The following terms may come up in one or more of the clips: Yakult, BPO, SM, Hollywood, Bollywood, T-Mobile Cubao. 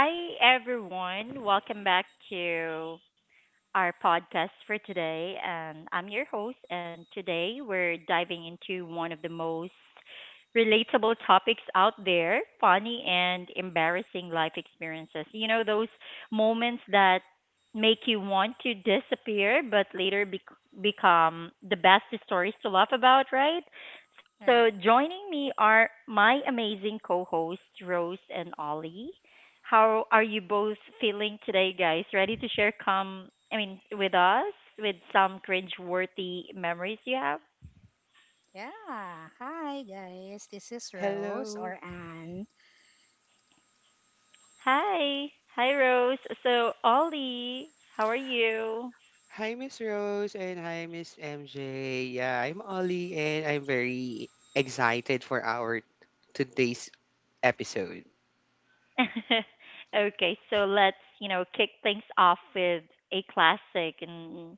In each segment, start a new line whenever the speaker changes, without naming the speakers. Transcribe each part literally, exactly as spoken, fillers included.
Hi, everyone. Welcome back to our podcast for today. And I'm your host. And today we're diving into one of the most relatable topics out there, funny and embarrassing life experiences. You know, those moments that make you want to disappear, but later bec become the best stories to laugh about, right?
Right.
So, joining me are my amazing co hosts, Rose and Ollie. How are you both feeling today, guys? Ready to share come I mean with us with some cringe-worthy memories you have?
Yeah. Hi, guys. This is Rose
Hello.
or Anne.
Hi. Hi, Rose. So Ollie, how are you?
Hi, Miss Rose, and hi, Miss M J. Yeah, I'm Ollie, and I'm very excited for our today's episode.
Okay, so let's, you know, kick things off with a classic and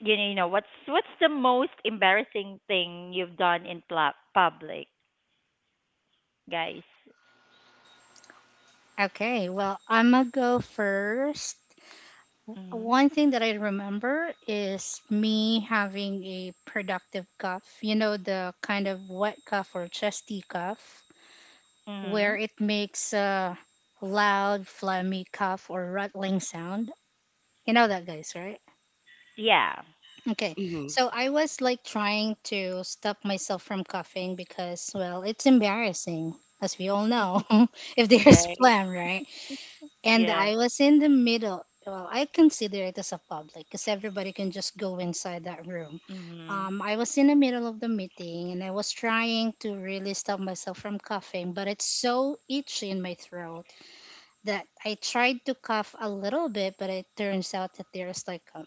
you know, you know what's what's the most embarrassing thing you've done in pla- public, guys?
Okay. Well, I'm going to go first.
Mhm.
One thing that I remember is me having a productive cough. You know, the kind of wet cough or chesty cough where
Mhm.
it makes a loud, phlegmy cough or rattling sound. You know that, guys, right?
Yeah.
Okay,
Mhm.
so I was like trying to stop myself from coughing because, well, it's embarrassing, as we all know, if there's
Okay.
phlegm, right? And I
Yeah.
was in the middle. Well, I consider it as a public because everybody can just go inside that room. Um,
Mhm.
I was in the middle of the meeting and I was trying to really stop myself from coughing, but it's so itchy in my throat that I tried to cough a little bit, but it turns out that there's like a,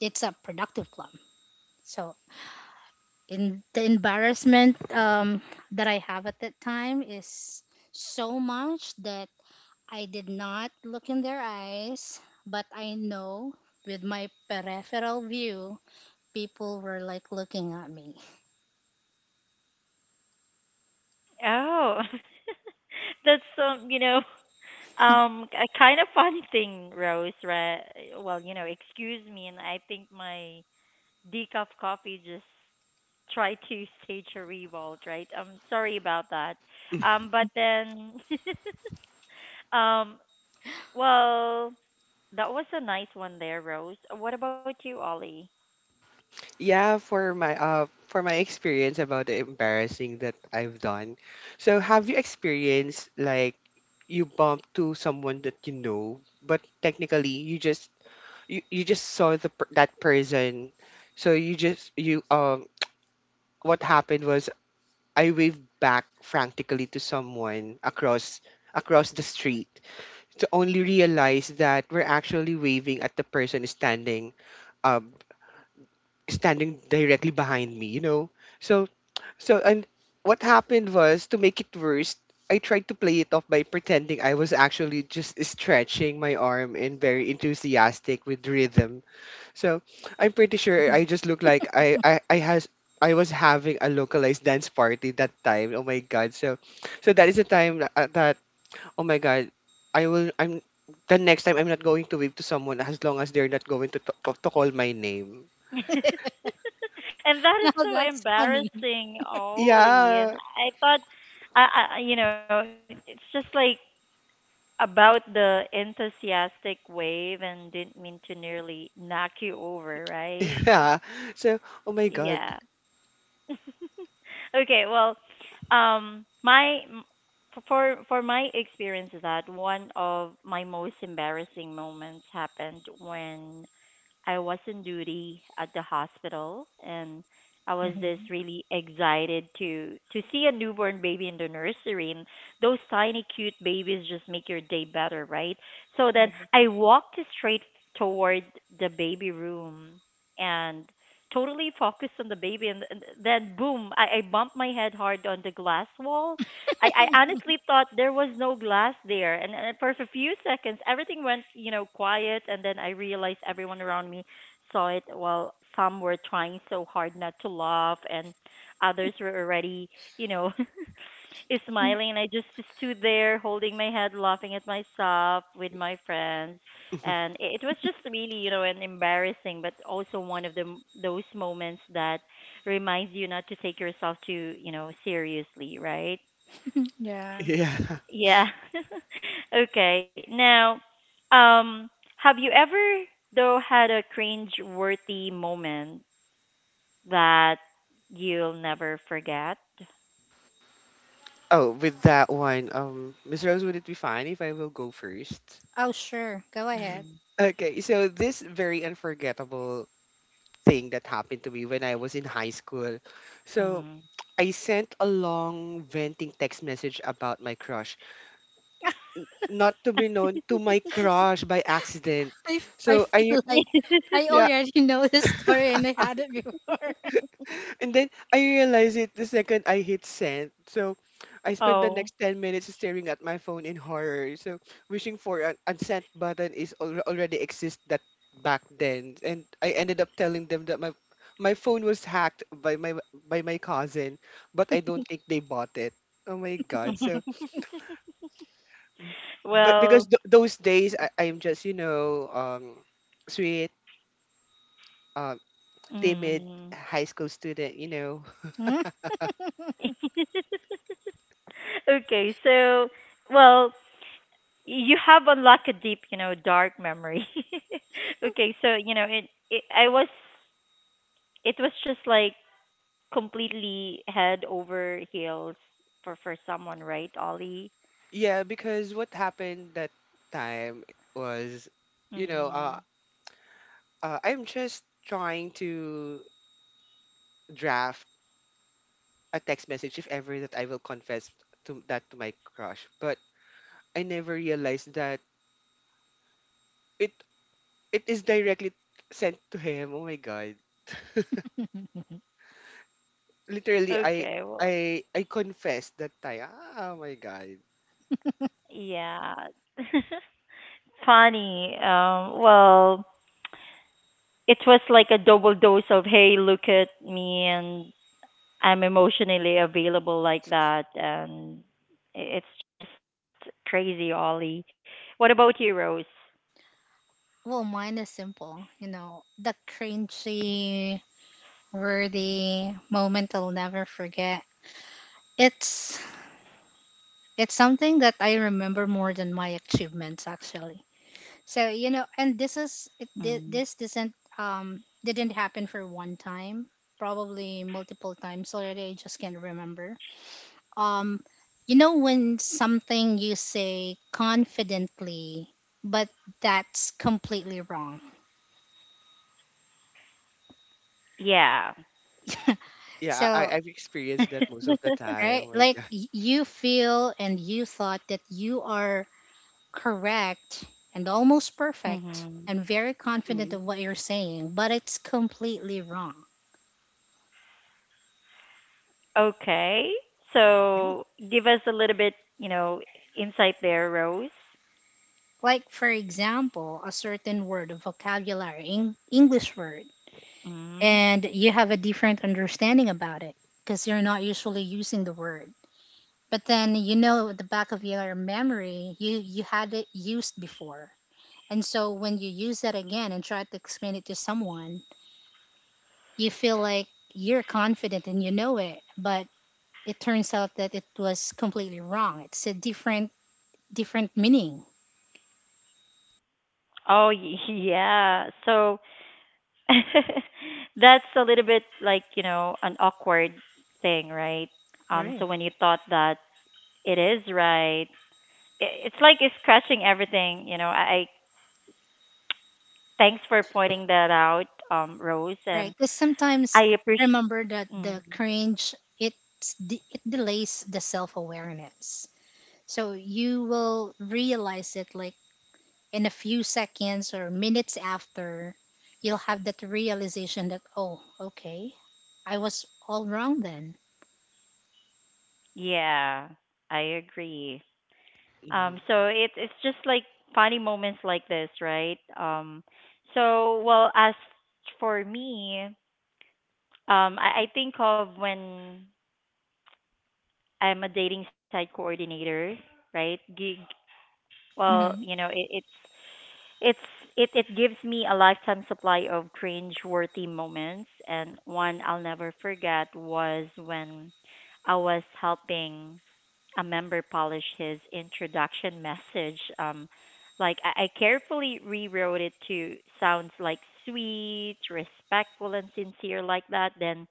it's a productive plum. So in the embarrassment um, that I have at that time is so much that I did not look in their eyes, but I know with my peripheral view, people were like looking at me.
Oh, that's um, you know, um, a kind of funny thing, Rose. Right? Well, you know, excuse me, and I think my decaf coffee just tried to stage a revolt. Right? I'm sorry about that.
Mm.
Um, but then, um, well, that was a nice one there, Rose. What about you, Ollie?
Yeah, for my uh for my experience about the embarrassing that I've done. So, have you experienced like you bumped to someone that you know, but technically you just you, you just saw the per- that person. So you just you um what happened was I waved back frantically to someone across across the street to only realize that we're actually waving at the person standing um standing directly behind me, you know. So so and what happened was to make it worse, I tried to play it off by pretending I was actually just stretching my arm and very enthusiastic with rhythm, so I'm pretty sure I just look like I I I has I was having a localized dance party that time. Oh my god! So, so that is the time that, uh, that oh my god, I will I'm the next time I'm not going to wave to someone as long as they're not going to to, to call my name.
and that is
Now
so
that's funny.
embarrassing, Ollie. And
Yeah,
I thought. I, I, you know, it's just like about the enthusiastic wave and didn't mean to nearly knock you over, right?
yeah. So oh my god,
Yeah. okay, well, um my m- f- for for my experience is that one of my most embarrassing moments happened when I was on duty at the hospital, and I was just
Mhm.
really excited to to see a newborn baby in the nursery, and those tiny cute babies just make your day better, right? So then
Right.
I walked straight toward the baby room, and totally focused on the baby, and and then boom, I, I bumped my head hard on the glass wall. I, I honestly thought there was no glass there, and and for a few seconds, everything went, you know, quiet, and then I realized everyone around me saw it. While some were trying so hard not to laugh, and others were already, you know, is
Mm.
smiling, and I just stood there holding my head, laughing at myself with my friends, and it, it was just really, you know, an embarrassing, but also one of the m- those moments that reminds you not to take yourself too, you know, seriously, right?
Yeah.
yeah.
Yeah. Okay. Now, um, have you ever though had a cringe-worthy moment that you'll never forget?
Oh, with that one, um, Miss Rose, would it be fine if I will go first?
Oh, sure. Go ahead.
Mm.
Okay, so this very unforgettable thing that happened to me when I was in high school. So
Mm.
I sent a long venting text message about my crush,
I
not to be known to my crush by accident.
I
So I
feel like I
yeah,
already know this story and I had it before.
and then I realized it the second I hit send. So I spent the
Oh,
next ten minutes staring at my phone in horror. So wishing for an unsent button is al- already exist that back then. And I ended up telling them that my my phone was hacked by my by my cousin, but I don't think they bought it. Oh my god. So but because
well,
th- those days I I'm just, you know, um sweet, um
mm.
timid high school student, you know,
Hmm?
Okay, so, well, you have unlocked a deep, you know, dark memory. Okay, so, you know, it, it I was it was just like completely head over heels for for someone, right, Ollie?
Yeah, because what happened that time was, you know,
Mm.
uh, uh, I'm just trying to draft a text message if ever that I will confess to that to my crush, but I never realized that it it is directly sent to him. Oh my god. Literally, I
Okay, well,
I I confessed that time. Oh my god.
yeah. Funny. Um, well, it was like a double dose of, hey, look at me, and I'm emotionally available like that. And i- it's just crazy, Ollie. What about you, Rose?
Well, mine is simple. You know, the cringy worthy moment I'll never forget. It's it's something that I remember more than my achievements actually. So you know, and this
Mm.
is it, thi- this doesn't um didn't happen for one time, probably multiple times already. I just can't remember. Um, you know when something you say confidently, but that's completely wrong.
Yeah.
Yeah, I
So
I've experienced that most of the time.
right,
Oh my
like
god.
y- you feel and you thought that you are correct and almost perfect
hmm.
and very confident
Mm-hmm.
of what you're saying, but it's completely wrong.
Okay. So give us a little bit, you know, insight there, Rose.
Like, for example, a certain word, a vocabulary, Eng- English word, and
Mm.
you have a different understanding about it because you're not usually using the word. But then you know at the back of your memory, you, you had it used before. And so when you use that again and try to explain it to someone, you feel like you're confident and you know it, but it turns out that it was completely wrong. It's a different different meaning,
Oh, y- yeah. So that's a little bit like, you know, an awkward thing, right? Um, so when you
Right.
thought that it is right, i- it's like it's scratching everything, you know. I, I thanks for pointing that out, um, Rose, and
right? Because sometimes
I appreciate.
remember that the
Mm,
cringe, it's de- it delays the self awareness, so you will realize it like in a few seconds or minutes after. You'll have that realization that oh, okay, I was all wrong then.
yeah, I agree.
Mm-hmm.
Um, so it it's just like funny moments like this, right? Um, so well, as for me, um, I, I think of when I'm a dating site coordinator, right? Gig. Well,
Hmm.
you know, it, it's It's it it gives me a lifetime supply of cringe-worthy moments, and one I'll never forget was when I was helping a member polish his introduction message. Um, like I, I carefully rewrote it to sounds like sweet, respectful, and sincere like that. Then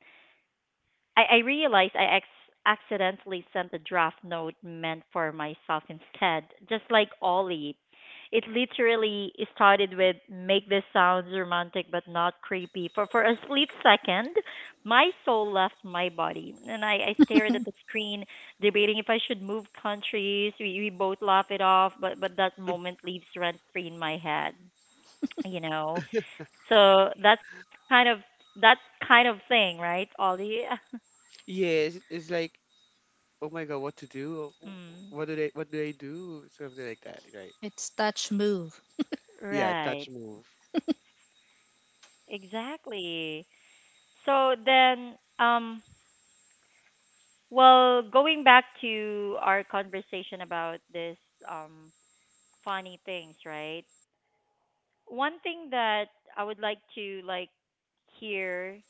I, I realized I ex- accidentally sent a draft note meant for myself instead, just like Ollie. It literally started with, make this sounds romantic but not creepy. For for a split second, my soul left my body, and I, I stared at the screen, debating if I should move countries. We, we both laughed it off, but but that moment leaves rent free in my head, you know. So that's kind of that kind of thing, right, Ollie?
Yes, it's like oh my god, what to
mm.
do? Oh, What do they what do I do? Something like that, right?
It's touch move.
Right.
Yeah, touch move.
Exactly. So then, um, well, going back to our conversation about this um funny things, right? One thing that I would like to like hear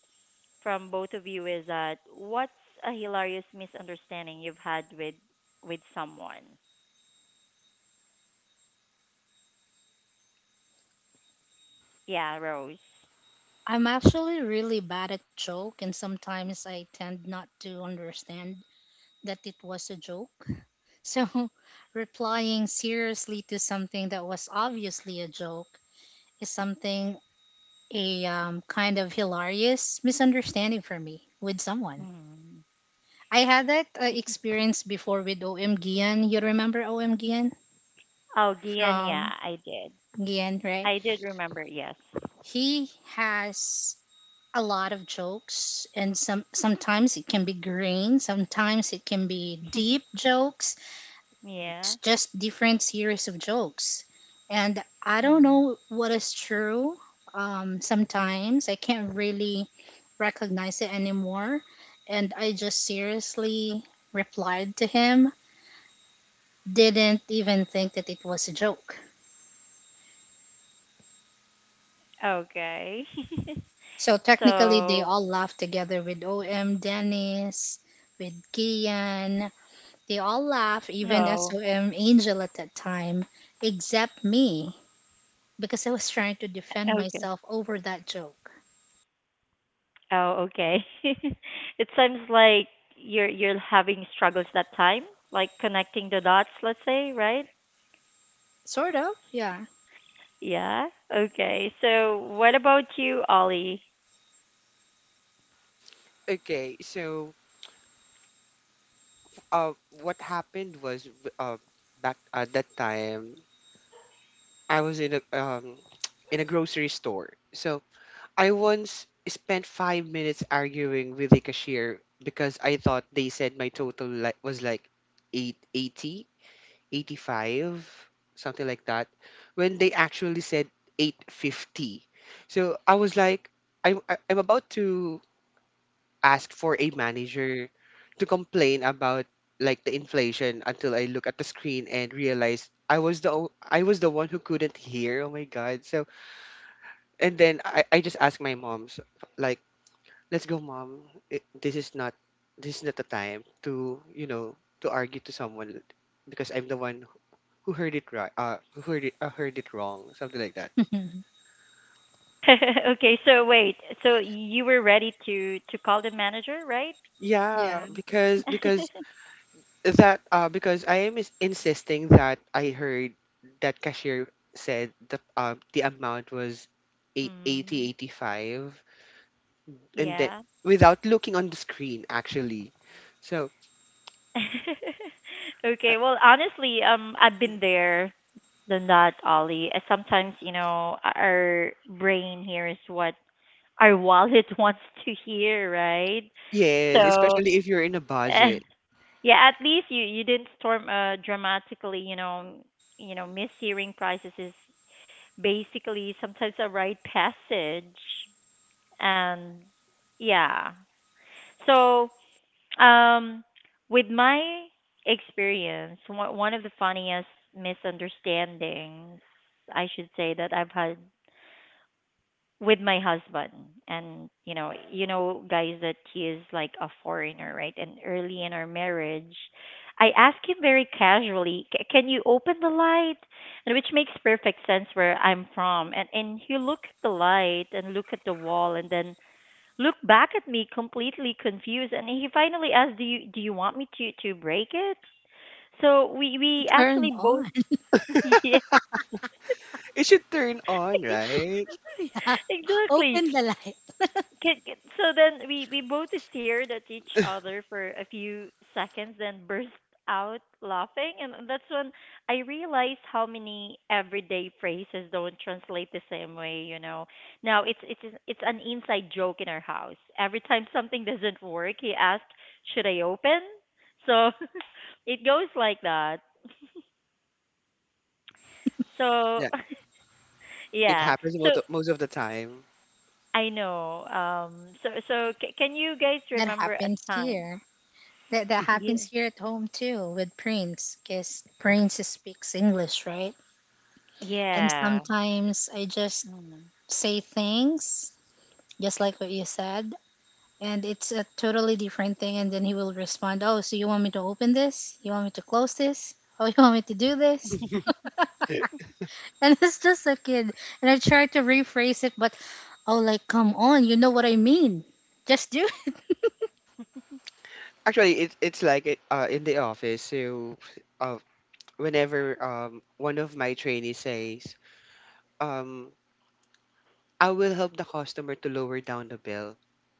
from both of you is that what's a hilarious misunderstanding you've had with with someone? Yeah, Rose.
I'm actually really bad at joke and sometimes I tend not to understand that it was a joke. So replying seriously to something that was obviously a joke is something a um, kind of hilarious misunderstanding for me with someone.
Mm.
I had that uh, experience before with OM Gian. You remember OM Gian
Oh, Gian,
from
yeah, I did.
Gian, right?
I did remember, yes.
He has a lot of jokes and some sometimes it can be green, sometimes it can be deep jokes. It's
Yeah.
just different series of jokes, and I don't know what is true. Um, sometimes I can't really recognize it anymore, and I just seriously replied to him, didn't even think that it was a joke.
Okay.
So
So,
technically they all laughed together with Om Dennis, with Kian. They all laughed, even
no.
SOM Angel at that time, except me, because I was trying to defend
Okay.
myself over that joke.
Oh, okay. It seems like you're you're having struggles that time, like connecting the dots, let's say, right?
Sort of, yeah.
Yeah. Okay. So, what about you, Ollie?
Okay, so uh, what happened was w- uh, back at that time, I was in a um, in a grocery store. So I once spent five minutes arguing with the cashier because I thought they said my total, like, was like eight eighty, eighty-five, something like that, when they actually said eight fifty. So I was like, i'm I- i'm about to ask for a manager to complain about, like, the inflation, until I look at the screen and realize i was the o- i was the one who couldn't hear. Oh my god. So, and then i, I just asked my mom, so, like, let's go, mom, it, this is not this is not the time to, you know, to argue to someone because I'm the one who heard it right, uh who heard it, uh, heard it wrong, something like that.
Okay, so wait. So you were ready to to call the manager, right?
Yeah.
Yeah, because because that uh because I am is insisting that I heard that cashier said the um the amount was eight eighty
Mm,
eighty five, and then
yeah.
without looking on the screen actually. So uh,
Okay, well, honestly, um, I've been there. Than that, Ollie. Uh, Sometimes, you know, our brain hears what our wallet wants to hear, right?
yes,
So,
especially if you're in a
eh,
budget,
yeah, at least you you didn't storm uh, dramatically. You know, you know, mishearing prices is basically sometimes a rite passage, and yeah. So, um, with my experience, one one of the funniest misunderstandings I should say that I've had with my husband, and you know you know guys, that he is like a foreigner, right? And early in our marriage I asked him very casually, "C- Can you open the light," and which makes perfect sense where I'm from. And and he looked at the light and looked at the wall and then looked back at me completely confused, and he finally asked, do you do you want me to to break it? So we we actually
Turn
both,
on.
yeah,
it should turn on, right?
Yeah.
exactly.
Open the light.
Can, can, so then we, we both stared at each other for a few seconds, then burst out laughing. And that's when I realized how many everyday phrases don't translate the same way, you know. Now it's it's it's an inside joke in our house. Every time something doesn't work, he asks, "Should I open?" So it goes like that. So
Yeah, it
yeah.
happens
So
most of, most of the time.
I know. Um. So so c- can you guys
That
remember a
happens
time?
here. That, that
Yeah.
happens here at home too with Prince, because Prince speaks English, right? And
Yeah.
sometimes I just
Mm.
say things, just like what you said, and it's a totally different thing, and then he will respond, oh, so you want me to open this, you want me to close this, oh, you want me to do this. And it's just a kid, and I try to rephrase it, but oh, like, come on, you know what I mean, just do
Actually, it, it's like it uh, in the office. So, uh, whenever um one of my trainees says, um, I will help the customer to lower down the bill.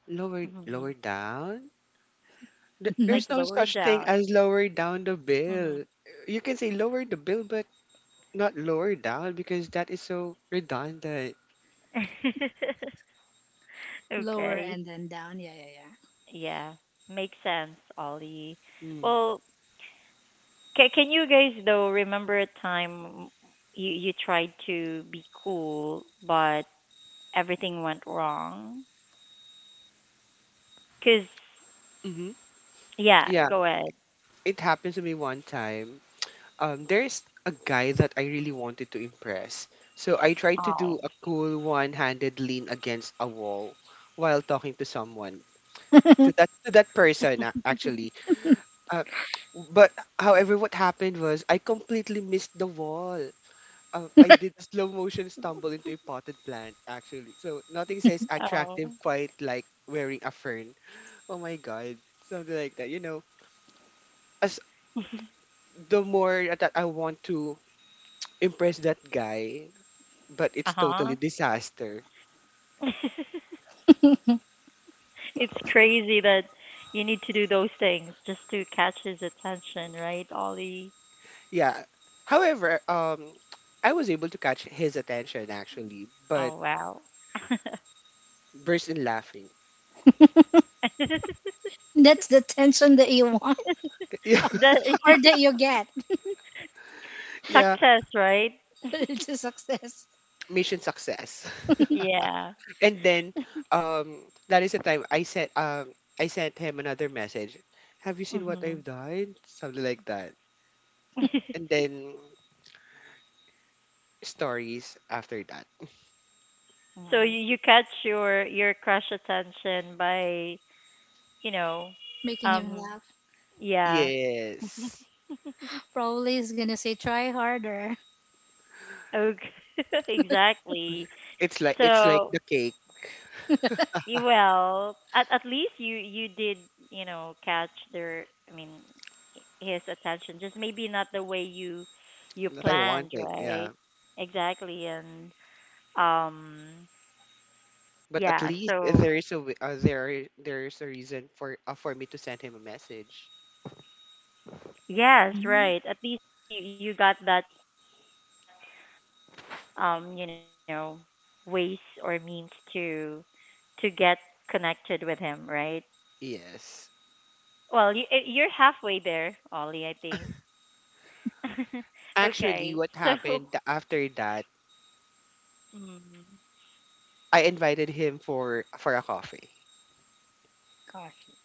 Lower
Hmm.
lower down? There-
it.
Like
There's no
lower
such thing
down.
as lower down the
Mm.
bill. You can say lower the bill, but not lower down because that is so redundant.
Lower
Okay.
and then down, yeah, yeah.
Yeah. Makes sense, Ollie.
Mm.
Well, ca can you guys though remember a time you you tried to be cool but everything went wrong? 'Cause
hmm
yeah,
Yeah,
go ahead.
it happened to me one time. Um, there's a guy that I really wanted to impress. So I tried to
Oh.
do a cool one-handed lean against a wall while talking to someone, to
Yeah.
that to that person, a- actually. Uh, but however, what happened was I completely missed the wall. Uh, I did a slow motion stumble into a potted plant actually. So nothing says attractive
Oh.
quite like wearing a fern. Oh my god, something like that. You know, as the more that I want to impress that guy, but it's totally
Uh-huh.
disaster.
It's crazy that you need to do those things just to catch his attention, right, Ollie?
Yeah. However, um, I was able to catch his attention actually, but
Oh wow.
burst in laughing.
That's the tension that you want. Or
the
that you get.
Yeah.
success, right?
To success.
Mission success.
Yeah.
and then um That is the time I sent um I sent him another message. Have you seen what
Hmm.
I've done? Something like that. And then stories after that.
So, you,
Wow.
you catch your your crush attention by, you know,
Making
um
him laugh.
yeah.
Yes.
Probably he's gonna say try harder.
Okay. exactly.
It's like it's like
So
the cake
y- well, at at least you you did, you know, catch their I mean h- his attention. Just maybe not the way you you
that I
planned,
wanted. Yeah.
right? Exactly. And um
But at
yeah,
least
so
there is a wi- uh, there there is a reason for uh, for me to send him a message.
yes,
Mm.
right. At least you you got that um, you know, ways or means to to get connected with him, right? Well, you eh, you're
Yes.
halfway there, Ollie, I think. Okay. So,
Actually, what happened after that?
mm,
I invited him for for a coffee.
Coffee.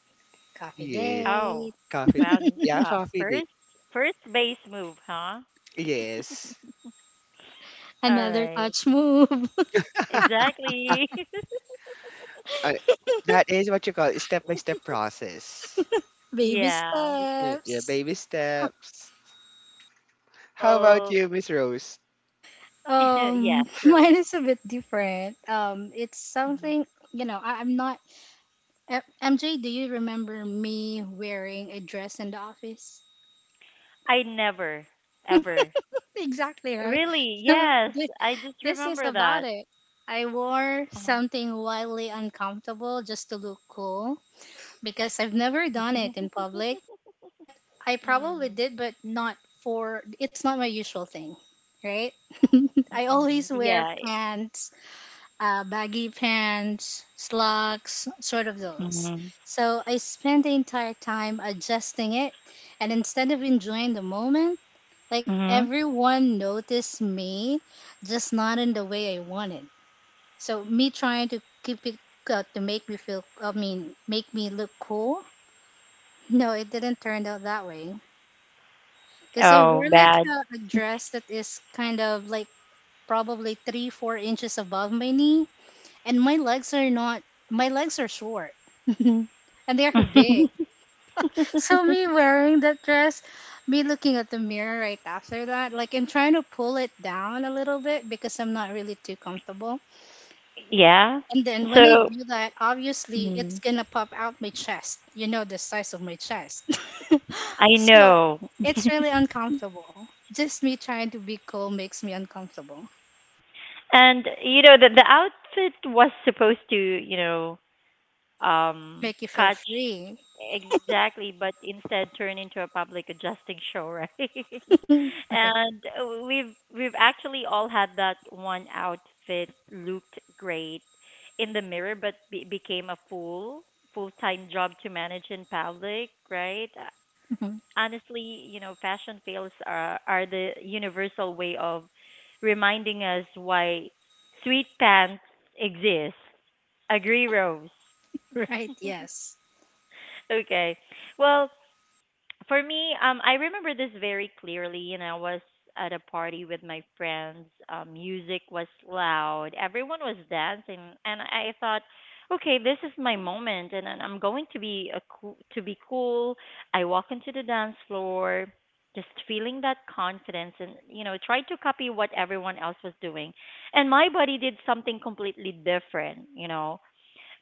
Coffee
Yeah.
oh,
date.
wow.
Coffee.
n- Uh,
Yeah, coffee
first
date.
first base move, huh?
Yes.
All
Another
right.
touch move.
Exactly.
I That is what you call a step-by-step process.
Baby
Yeah.
Y- Yeah,
steps.
baby steps. How about
Well,
you, Miss Rose?
Um,
yes,
mine
Rose.
is a bit different. Um, it's
Hmm.
something you know. I, I'm not. eh, M- MJ, do you remember me wearing a dress in the office?
I never, ever.
Exactly right.
Really? Yes.
this,
I just
this is
remember
about
that.
it. I wore
Uh-huh.
something wildly uncomfortable just to look cool because I've never done it in public. Like I probably
mm.
did, but not for. It's not my usual thing, right? I always
Mm.
wear
Yeah.
pants, uh, baggy pants, slacks, sort of those.
Mm.
So I spent the entire time adjusting it, and instead of enjoying the moment, like
Mm.
everyone noticed me, just not in the way I wanted. So me trying to keep it, uh, to make me feel, I mean, make me look cool. No, it didn't turn out that way. Cause I
Oh,
wore like
bad.
a, a dress that is kind of like probably three, four inches above my knee, and my legs are not, my legs are short and they're big. So me wearing that dress, me looking at the mirror right after that, like I'm trying to pull it down a little bit because I'm not really too comfortable.
Yeah.
And then when I
So,
do that, obviously it's
mm,
gonna pop out my chest, you know, the size of my chest.
I
So
know.
it's really uncomfortable, just me trying to be cool makes me uncomfortable.
And you know that the outfit was supposed to, you know, um
Make you feel
catch,
free.
exactly, but instead turn into a public adjusting show, right?
Right.
and uh, we've we've actually all had that one outfit looked great in the mirror but be- became a full full-time job to manage in public, right? Uh, honestly, you know, fashion fails are are the universal way of reminding us why sweet pants exist, agree, Rose?
Right, yes.
Okay. Well, for me, um, I remember this very clearly, and I was at a party with my friends. Um, music was loud. Everyone was dancing, and I thought, okay, this is my moment, and then I'm going to be a cool, to be cool. I walk into the dance floor, just feeling that confidence, and you know, try to copy what everyone else was doing, and my body did something completely different. You know,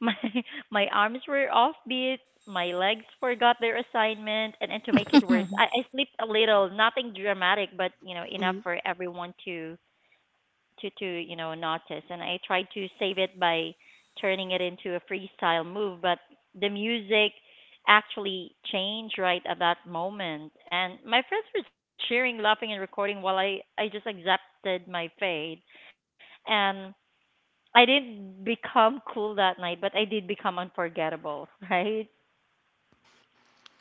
my my arms were offbeat, my legs forgot their assignment, and and to make it worse, I, I slept a little, nothing dramatic, but you know, enough
Mhm.
for everyone to to to you know notice. And I tried to save it by turning it into a freestyle move, but the music actually changed right at that moment, and my friends were cheering, laughing, and recording while I I just accepted my fate, and I didn't become cool that night, but I did become unforgettable, right?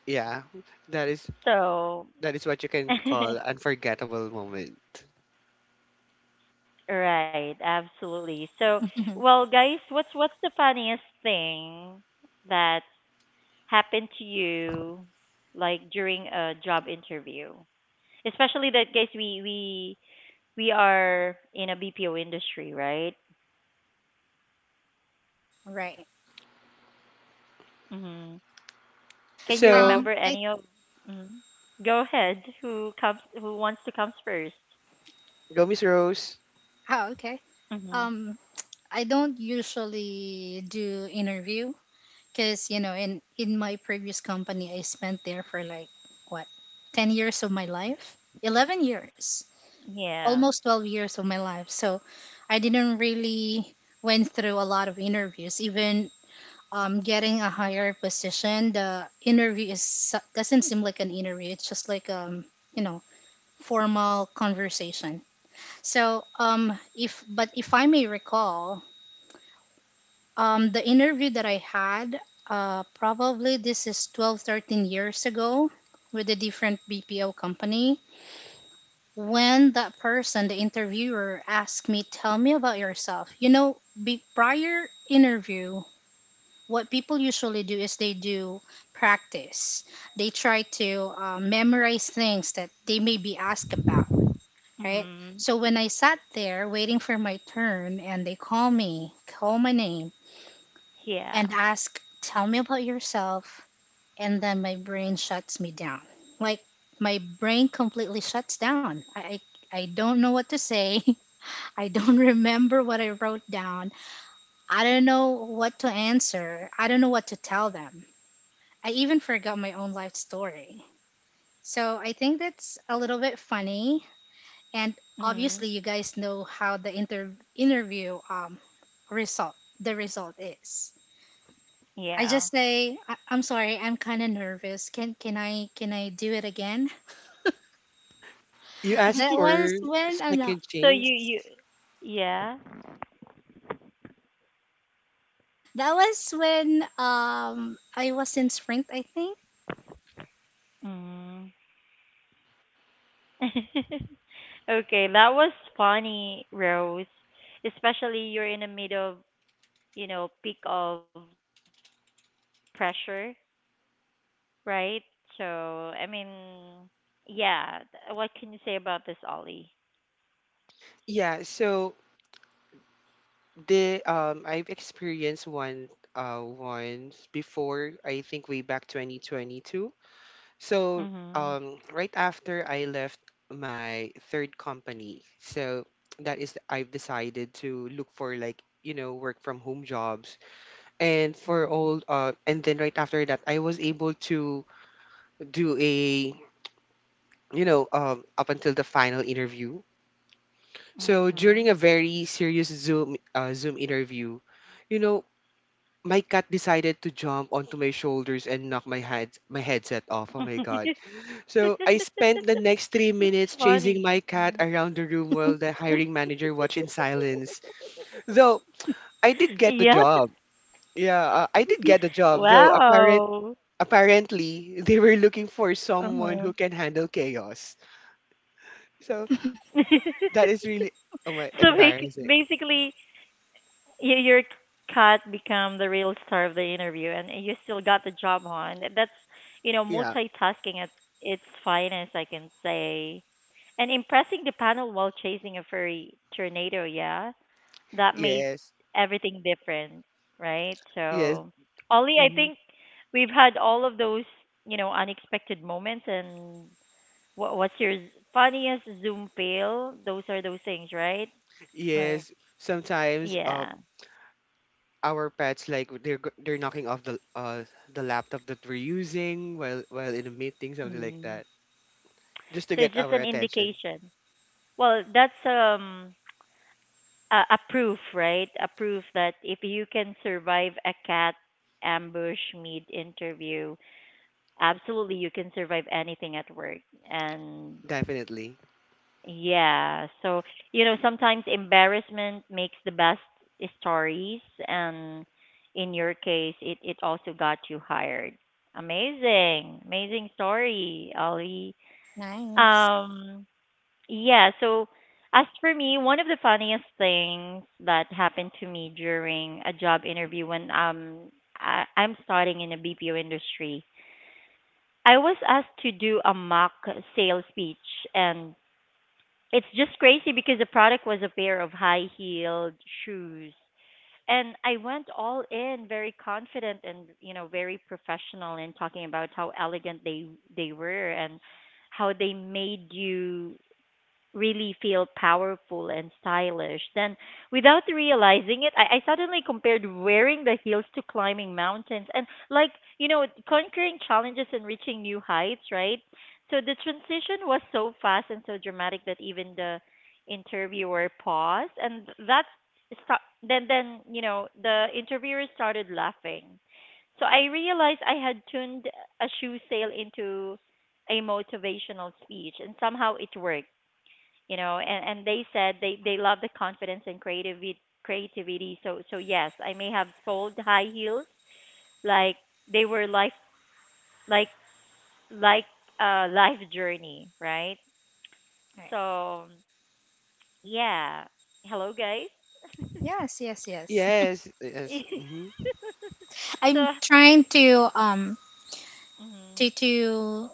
Yeah, that is
So,
that is what you can call unforgettable moment.
right, absolutely. So, well, guys, what's what's the funniest thing that happened to you, like during a job interview? Especially that, guys, we we we are in a B P O industry, right?
Right.
Hmm. Can you
So,
Um.
remember any of? Mhm. Go ahead. Who comes? Who wants to comes first?
go Miss Rose.
Oh, okay.
Mm-hmm.
Um. I don't usually do interview because you know, in in my previous company, I spent there for like what, ten years of my life, eleven years,
Yeah.
almost twelve years of my life. So, I didn't really went through a lot of interviews. Even um, getting a higher position, the interview is su- doesn't seem like an interview. It's just like um, you know, formal conversation. So, um, if but if I may recall, um, the interview that I had, uh, probably this is twelve, thirteen years ago with a different B P O company. When that person, the interviewer, asked me, "Tell me about yourself." You know, be, prior interview, what people usually do is they do practice. They try to uh, memorize things that they may be asked about, right? So
Mhm.
when I sat there waiting for my turn and they call me, call my name, and
Yeah.
ask, tell me about yourself, and then my brain shuts me down. Like my brain completely shuts down. I, I, I don't know what to say. I don't remember what I wrote down. I don't know what to answer. I don't know what to tell them. I even forgot my own life story. So I think that's a little bit funny, and
Mhm.
obviously you guys know how the inter- interview um result, the result is, I
Yeah.
just say, I- i'm sorry, I'm kind of nervous, can can i can i do it again.
You ask
that was
for
when i
second
so
chance.
you you yeah.
that was when um I was in Sprint, I think.
Mhm. Okay, that was funny, Rose. Especially you're in the middle of, you know, peak of pressure, right? So, I mean, yeah, th- what can you say about this, Ollie?
Yeah, so the um I've experienced one uh once before, I think way back twenty twenty-two. So, um,
Mhm.
right after I left my third company, so that is I've decided to look for, like, you know work from home jobs, and for all
Mhm.
uh, and then right after that I was able to do a you know um, up until the final interview. So during a
Mhm.
very serious Zoom uh, Zoom interview, you know my cat decided to jump onto my shoulders and knock my head my headset off. Oh my god. So I spent the
That's
next three minutes
funny.
chasing
Mhm.
my cat around the room while the hiring manager watched in silence. Though I did
Yeah.
get the job. Yeah, uh, I did get the job. Though apparent
Wow.
apparently they were looking
Uh-huh.
for someone who can handle chaos. So that is really
So
oh my
bec-
embarrassing.
basically, y- your cat become the real star of the interview, and you still got the job on. That's, you know,
Yeah.
multitasking at its finest, I can say. And impressing the panel while chasing a furry tornado, yeah, that made
Yes.
everything different, right?
Yes.
So, Ollie, I
Mhm.
think we've had all of those, you know, unexpected moments and what what's your z- funniest Zoom fail? Those are those things, right?
All right.
Yes. Sometimes. Uh,
Yeah.
our pets like they're g- they're knocking off the uh the laptop that we're using while while in a meeting, something like
Mm.
that, just to
So
get
it's just
our
an
attention.
indication. Well, that's um a, a proof, right? A proof that if you can survive a cat ambush meet interview, absolutely you can survive anything at work. And
Definitely.
yeah. So, you know, sometimes embarrassment makes the best stories and in your case it it also got you hired. Amazing. Amazing story, Ollie.
Nice.
Um yeah, so as for me, one of the funniest things that happened to me during a job interview when um I, I'm starting in the B P O industry. I was asked to do a mock sales pitch and it's just crazy because the product was a pair of high heeled shoes. And I went all in very confident and, you know, very professional in talking about how elegant they they were and how they made you really feel powerful and stylish. Then, without realizing it, I, I suddenly compared wearing the heels to climbing mountains and, like, you know, conquering challenges and reaching new heights, right? So the transition was so fast and so dramatic that even the interviewer paused, and that's sta- then then you know the interviewer started laughing. So I realized I had turned a shoe sale into a motivational speech, and somehow it worked, you know, and and they said they they love the confidence and creativity creativity, so so yes, I may have sold high heels like they were life, like, like uh life journey, right?
All right.
So yeah, hello guys.
Yes, yes, yes.
Yes, yes. Mm-hmm,
I'm
So
trying to um
mhm.
to to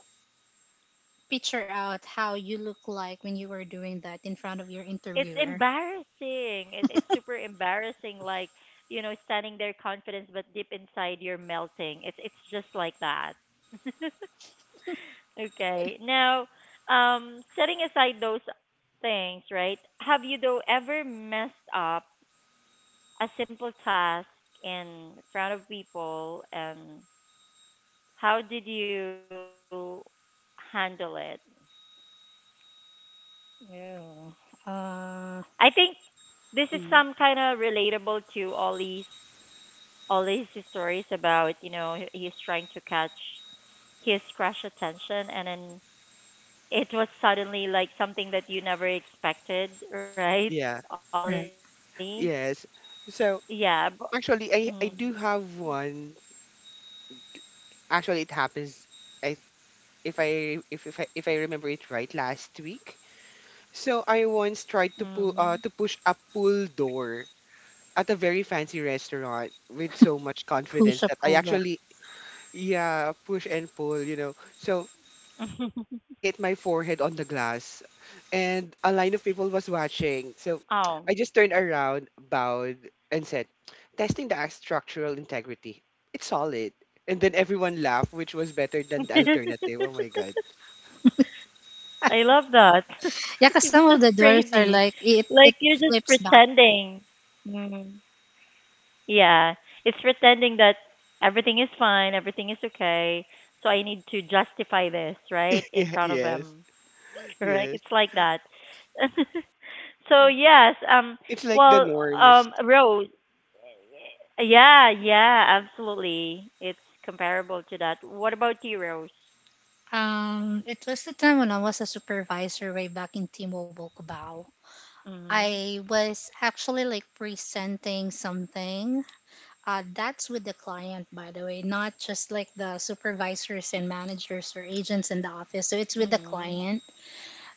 picture out how you look like when you were doing that in front of your
It's
interviewer.
embarrassing, it, it's super embarrassing, like you know standing there confidence but deep inside you're melting, it's it's just like that. Okay. Now, um, setting aside those things, right? Have you though ever messed up a simple task in front of people, and how did you handle it?
Yeah. Uh,
I think this is
mm-hmm.
some kind of relatable to Ollie's Ollie's stories about you know he- he's trying to catch his crush attention, and then it was suddenly like something that you never expected, right,
Yeah,
Ollie?
right.
yes.
Yeah, b-
So
Mm.
actually i i do have one. Actually it happens. I if i if, if i if i remember it right, last week. So I once tried to
Mhm.
pull uh to push a pull door at a very fancy restaurant with so much
Push
confidence
up
that I
pull up.
actually Yeah, push and pull, you know. So I actually hit my forehead on the glass, and a line of people was
Oh.
watching. So I just turned around, bowed, and said, "Testing the act structural integrity. It's solid." And then everyone laughed, which was better than the alternative. Oh my god.
I love that.
Yeah, cause
It's
some of
just
the doors are
crazy.
like it it
Like you're just
flips back.
pretending. Mm. Yeah. It's pretending that everything is fine, everything is okay. So I need to justify this, right? In
Yeah,
front of
yes,
them. Correct?
yes.
It's like that. So yes, um,
It's like the
well,
norms.
um, Rose, yeah, yeah, absolutely. It's comparable to that. What about you, Rose?
Um, it was the time when I was a supervisor way back in T-Mobile Cubao.
Mm-hmm.
I was actually like presenting something. Uh, that's with the client, by the way, not just like the supervisors and managers or agents in the office. So it's with the
Mm-hmm.
client.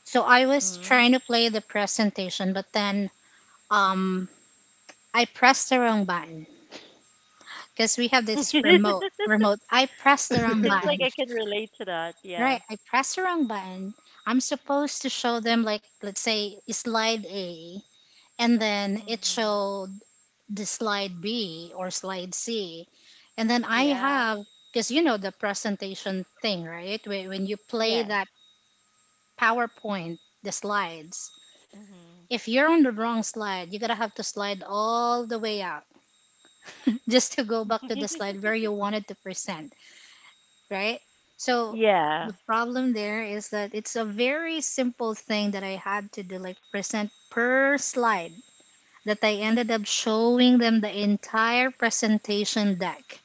So I was trying
Mm-hmm.
to play the presentation, but then um, I pressed the wrong button because we have this remote. Remote. I press the wrong button.
Seems like I can relate to that.
Right. I
Yeah.
press the wrong button. I'm supposed to show them like let's say slide A, and then it
Mm-hmm.
showed the slide B or slide C, and then I have
Yeah.
because you know the presentation thing, right? Whe- When you play that
Yes.
PowerPoint, the slides.
Mm-hmm.
If you're on the wrong slide, you gotta have to slide all the way up just to go back to the slide where you wanted to present, right? So the
Yeah.
problem there is that it's a very simple thing that I had to do, like present per slide, that I ended up showing them the entire presentation deck.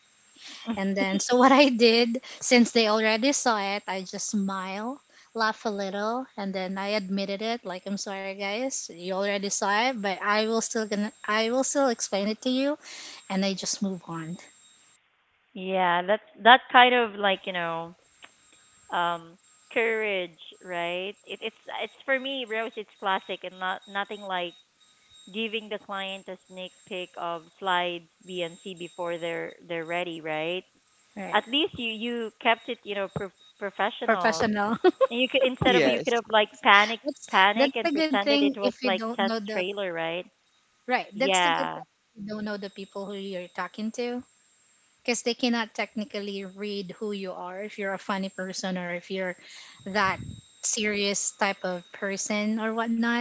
And then, so what I did, since they already saw it, I just smile, laugh a little, and then I admitted it. Like, I'm sorry, guys, you already saw it, but I will still gonna, I will still explain it to you, and I just move on.
Yeah, that's that kind of like, you know, um, courage, right? It it's it's for me, Rose, it's classic and not nothing like giving the client a sneak peek of slides B and C before they're they're ready, right?
All right,
At least you you kept it, you know, pro- professional,
professional.
and you could instead of you could
Yes.
have like panic,
That's
panic
that's the
and
good
pretended
thing
it
if
was
you
like
don't know
test
the
trailer, right?
right. That's the good
Yeah,
thing if you don't know the people who you're talking to, because they cannot technically read who you are if you're a funny person or if you're that serious type of person or whatnot.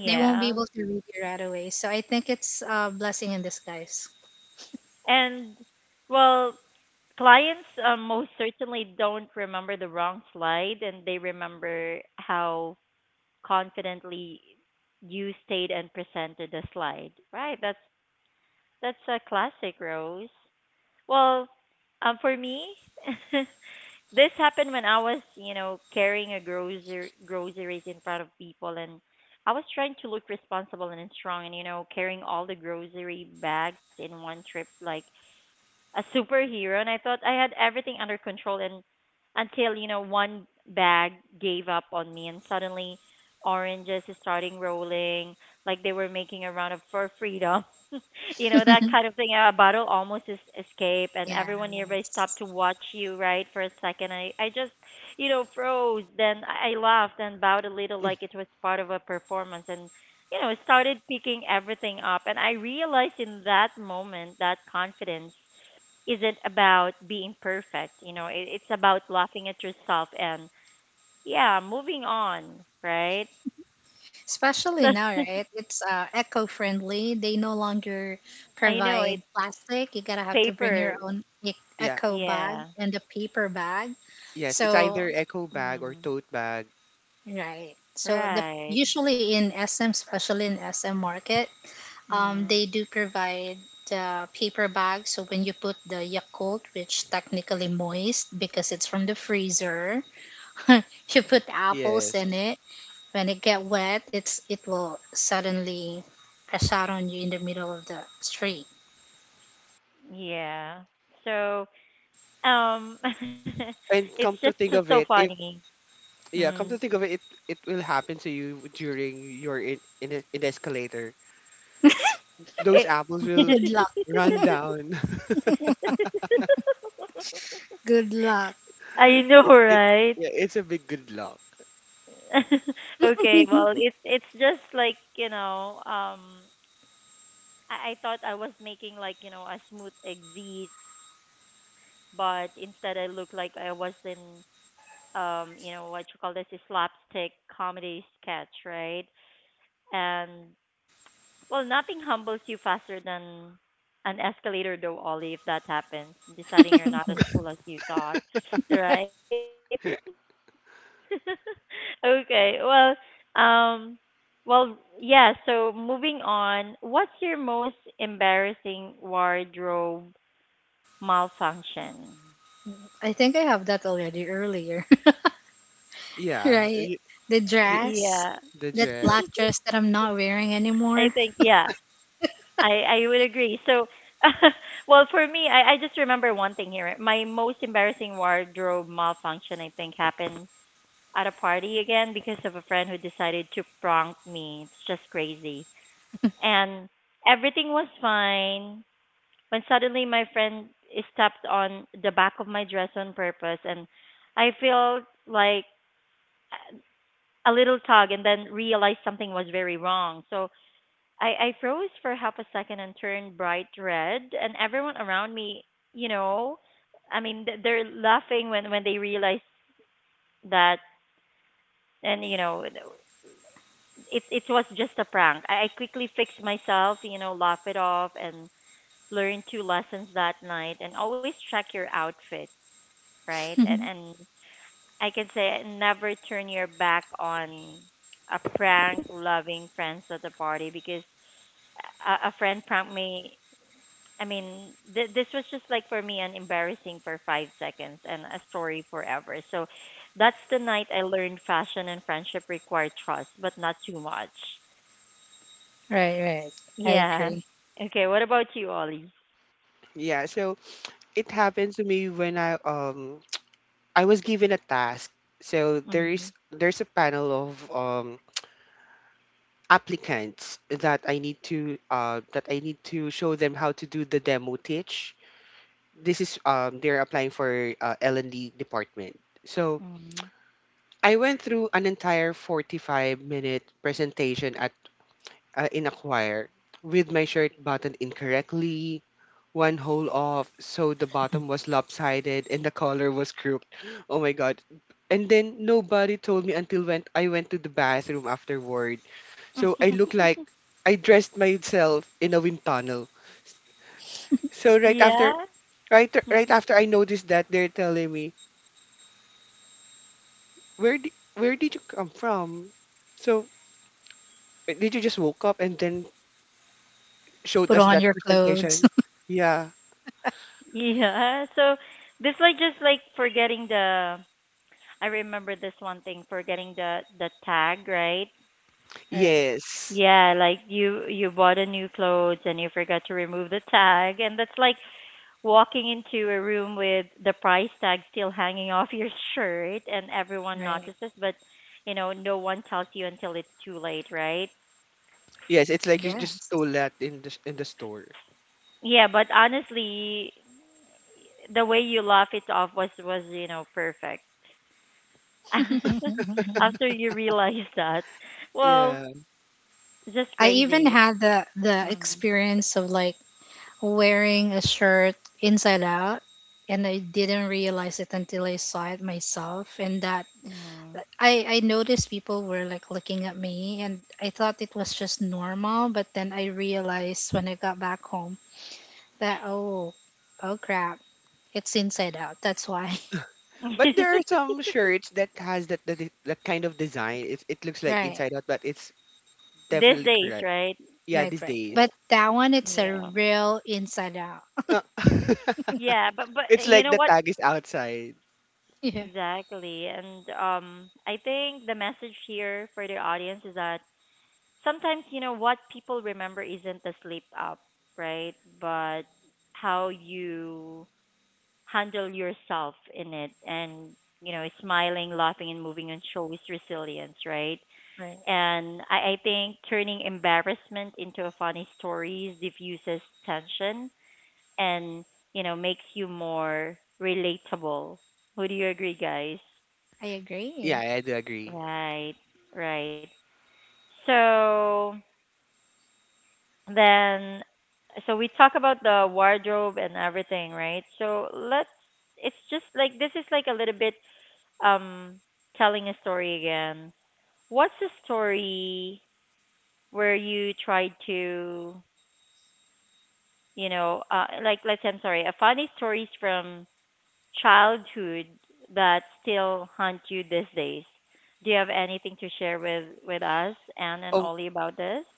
They won't be able to read you right away. So I think it's a blessing in disguise.
and well, clients um, most certainly don't remember the wrong slide, and they remember how confidently you stayed and presented the slide, right? That's That's a classic, Rose. Well, um, for me, this happened when I was, you know, carrying a grocery groceries in front of people, and I was trying to look responsible and strong, and you know, carrying all the grocery bags in one trip, like a superhero, and I thought I had everything under control and until you know one bag gave up on me and suddenly oranges is starting rolling like they were making a round of for freedom. You know that kind of thing, a bottle almost is escape and
Yeah.
everyone nearby stopped to watch you, right? For a second i i just you know froze, then i I laughed and bowed a little
Mm.
like it was part of a performance, and you know started picking everything up, and I realized in that moment that confidence isn't about being perfect. You know, it, it's about laughing at yourself and yeah, moving on, right?
Especially now,
So
right? It's uh, eco-friendly. They no longer
I know
provide
it's
plastic. You gotta have to bring your
paper.
own e-
Yeah,
eco bag
Yeah.
and a paper bag.
yes. It's
So,
either echo bag or
Mm,
tote bag.
right. So the
right.
usually in S M, especially in S M market, um,
Mm,
they do provide the paper bag. So when you put the Yakult, which technically moist because it's from the freezer, you put apples in
Yes.
it when it get wet, it's it will suddenly crash out on you in the middle of the street.
yeah. So um,
And
it's
come
just
to
so,
think
so
of it, if
funny.
Yeah,
Mm,
come to think of it, it it will happen to you during your in in, a- in the escalator.
it,
Those apples will
Good luck.
run down.
Good luck.
I know,
It it,
right?
yeah, it's a big good luck.
Okay. Well, it's it's just like you know um, I, I thought I was making like you know a smooth exit, but instead I looked like I was in um, you know what you call this, a slapstick comedy sketch, right? And well, nothing humbles you faster than an escalator, though, Ollie. If that happens, deciding you're not as cool as you thought, right? Okay, well, um, well, yeah. So moving on, what's your most embarrassing wardrobe malfunction?
I think I have that already earlier,
Yeah,
right?
you,
The
Yeah,
you,
dress,
the
that
dread.
black dress that I'm not wearing
I think
anymore.
yeah, I I would agree. So, well, for me, I I just remember one thing here. My most embarrassing wardrobe malfunction, I think, happened at a party again because of a friend who decided to prank me. It's just crazy. And everything was fine when suddenly my friend stepped on the back of my dress on purpose, and I feel like a little tug and then realized something was very wrong. So I, I froze for half a second and turned bright red, and everyone around me, you know, I mean, th- they're laughing when when they realize that, and you know, it it was just a prank. I, I quickly fixed myself, you know, laugh it off, and learned two lessons that night, and always check your outfit, right?
Right,
And and I can say never turn your back on a prank loving friends at the party because a, a friend prank me. I mean, th- this was just like for me an embarrassing for five seconds and a story forever. So that's the night I learned fashion and friendship require trust, but not too much.
right. I
Yeah.
agree.
Okay. What about you, Ollie?
Yeah, so it happened to me when I um I was given a task. So there's
Mm-hmm.
there's a panel of um applicants that I need to uh that I need to show them how to do the demo teach. This is um they're applying for uh, L and D department. So
Mm-hmm.
I went through an entire forty-five minute presentation at uh, in a choir with my shirt buttoned incorrectly, one hole off, so the bottom was lopsided and the collar was crooked. Oh my god. And then nobody told me until when I went to the bathroom afterward. So I look like I dressed myself in a wind tunnel. So right
Yeah.
after right right after I noticed that they're telling me, where di- where did you come from? So uh, did you just woke up and then showed
Put
us that
on your clothes.
presentation? Yeah.
Yeah. So this like just like forgetting the, I remember this one thing for getting the the tag, right?
Right,
Yes.
Yeah, like you you bought a new clothes and you forgot to remove the tag, and that's like walking into a room with the price tag still hanging off your shirt, and everyone
right.
notices, but you know no one tells you until it's too late, right?
Yes. It's like you just
Yes.
stole that in the s- in the store.
Yeah, but honestly, the way you laugh it off was was you know perfect. After you realize that, well,
Yeah.
just
I even
crazy.
had the the
Mm.
experience of like wearing a shirt inside out, and I didn't realize it until I saw it myself. And that
Mm.
I I noticed people were like looking at me, and I thought it was just normal, but then I realized when I got back home that oh, oh crap, it's inside out, that's why.
But there are some shirts that has that that, de- that kind of design. It it looks like
Right,
inside out, but it's
These
definitely
days,
correct.
right?
Yeah.
right,
These
right, but
days.
that one it's a
Yeah.
real inside out.
Uh,
Yeah, but but
it's
uh, you
like the
know what?
tag is outside.
Yeah,
Exactly. And um, I think the message here for the audience is that sometimes, you know, what people remember isn't the sleep up, right? But how you handle yourself in it and, you know, smiling, laughing and moving on shows resilience, right?
right,
And I, I think turning embarrassment into a funny story diffuses tension and you know makes you more relatable. Would you agree, guys?
I
Yeah,
agree.
I do agree.
Right, right. So then, so we talk about the wardrobe and everything, right? So let's. It's just like this is like a little bit um telling a story again. What's a story where you tried to, you know, uh, like let's say I'm sorry, a funny stories from childhood that still haunt you these days? Do you have anything to share with with us, Anne and
Oh,
Ollie, about this?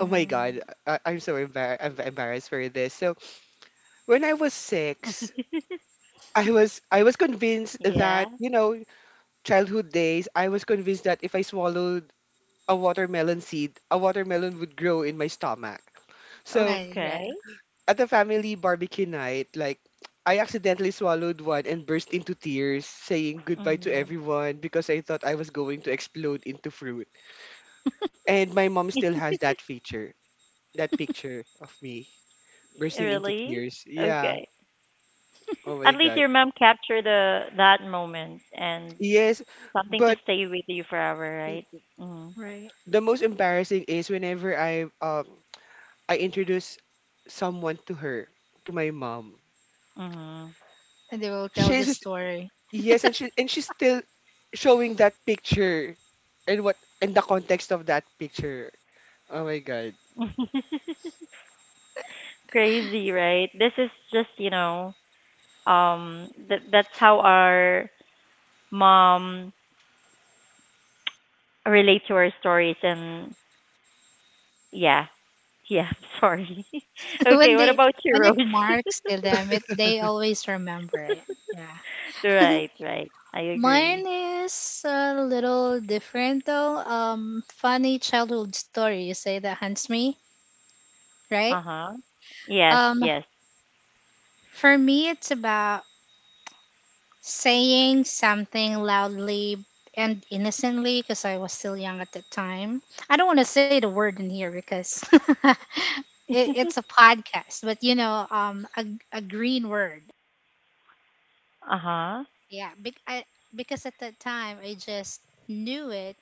oh my God, I, I'm so embar- I'm embarrassed for this. So when I was six, I was I was convinced that,
Yeah.
you know, childhood days, I was convinced that if I swallowed a watermelon seed, a watermelon would grow in my stomach. So
I agree,
Okay.
at the family barbecue night, like I accidentally swallowed one and burst into tears, saying goodbye to
Hmm.
everyone because I thought I was going to explode into fruit. And my mom still has that feature, that picture of me bursting into
Really?
tears. Yeah.
Okay.
Oh
At
my
least
god.
your mom captured the that moment and
Yes,
something to
but
stay with you forever, right?
right.
the most embarrassing is whenever I um I introduce someone to her, to my mom.
Mm.
And they will tell
She's
the
just-
story.
yes, and she and she's still showing that picture and what and the context of that picture. Oh my god.
Mhm. Crazy, right? This is just, you know, um that that's how our mom relate to our stories and yeah. Yeah. Sorry. Okay.
So
What
when
about
they,
you, Rose?
when it marks to them, it they always remember it, yeah.
Right. Right. I agree.
Mine is a little different though. Um funny childhood story, you say, that haunts me, right?
Uh huh. Yes.
um
Yes.
for me, it's about saying something loudly and innocently, because I was still young at the time. I don't want to say the word in here because it, it's a podcast, but you know, um a, a green word.
Uh huh.
Yeah, bec- I, because at that time I just knew it.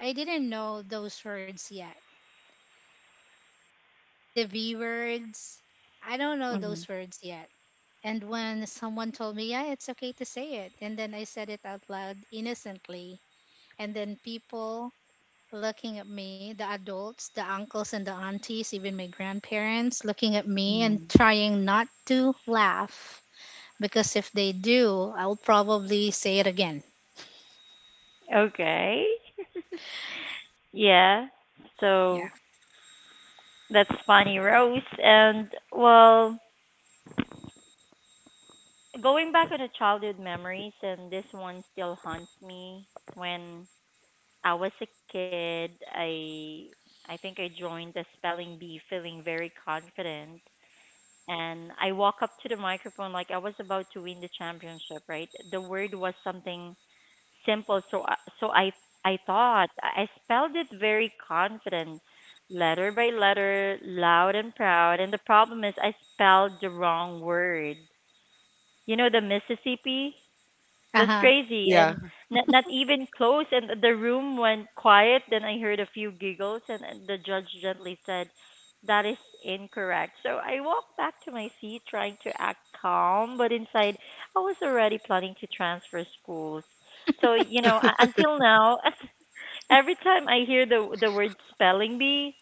I didn't know those words yet. The V words, I don't know
Mhm.
those words yet. And when someone told me, yeah, it's okay to say it, and then I said it out loud innocently, and then people looking at me, the adults, the uncles and the aunties, even my grandparents looking at me and
Mhm.
trying not to laugh, because if they do, I'll probably say it again.
Okay. Yeah. So
Yeah.
that's funny, Rose. And well, going back on the childhood memories, and this one still haunts me. When I was a kid, I I think I joined the spelling bee, feeling very confident and I walk up to the microphone like I was about to win the championship, right? The word was something simple, so I- so I I thought I I spelled it very confident, letter by letter, loud and proud. And the problem is I spelled the wrong word. You know the Mississippi? That's
Uh huh.
crazy, and
Yeah.
not, not even close. And the room went quiet. Then I heard a few giggles, and, and the judge gently said, "That is incorrect." So I walked back to my seat, trying to act calm, but inside I was already planning to transfer schools. So you know, u- until now, every time I hear the the word spelling bee,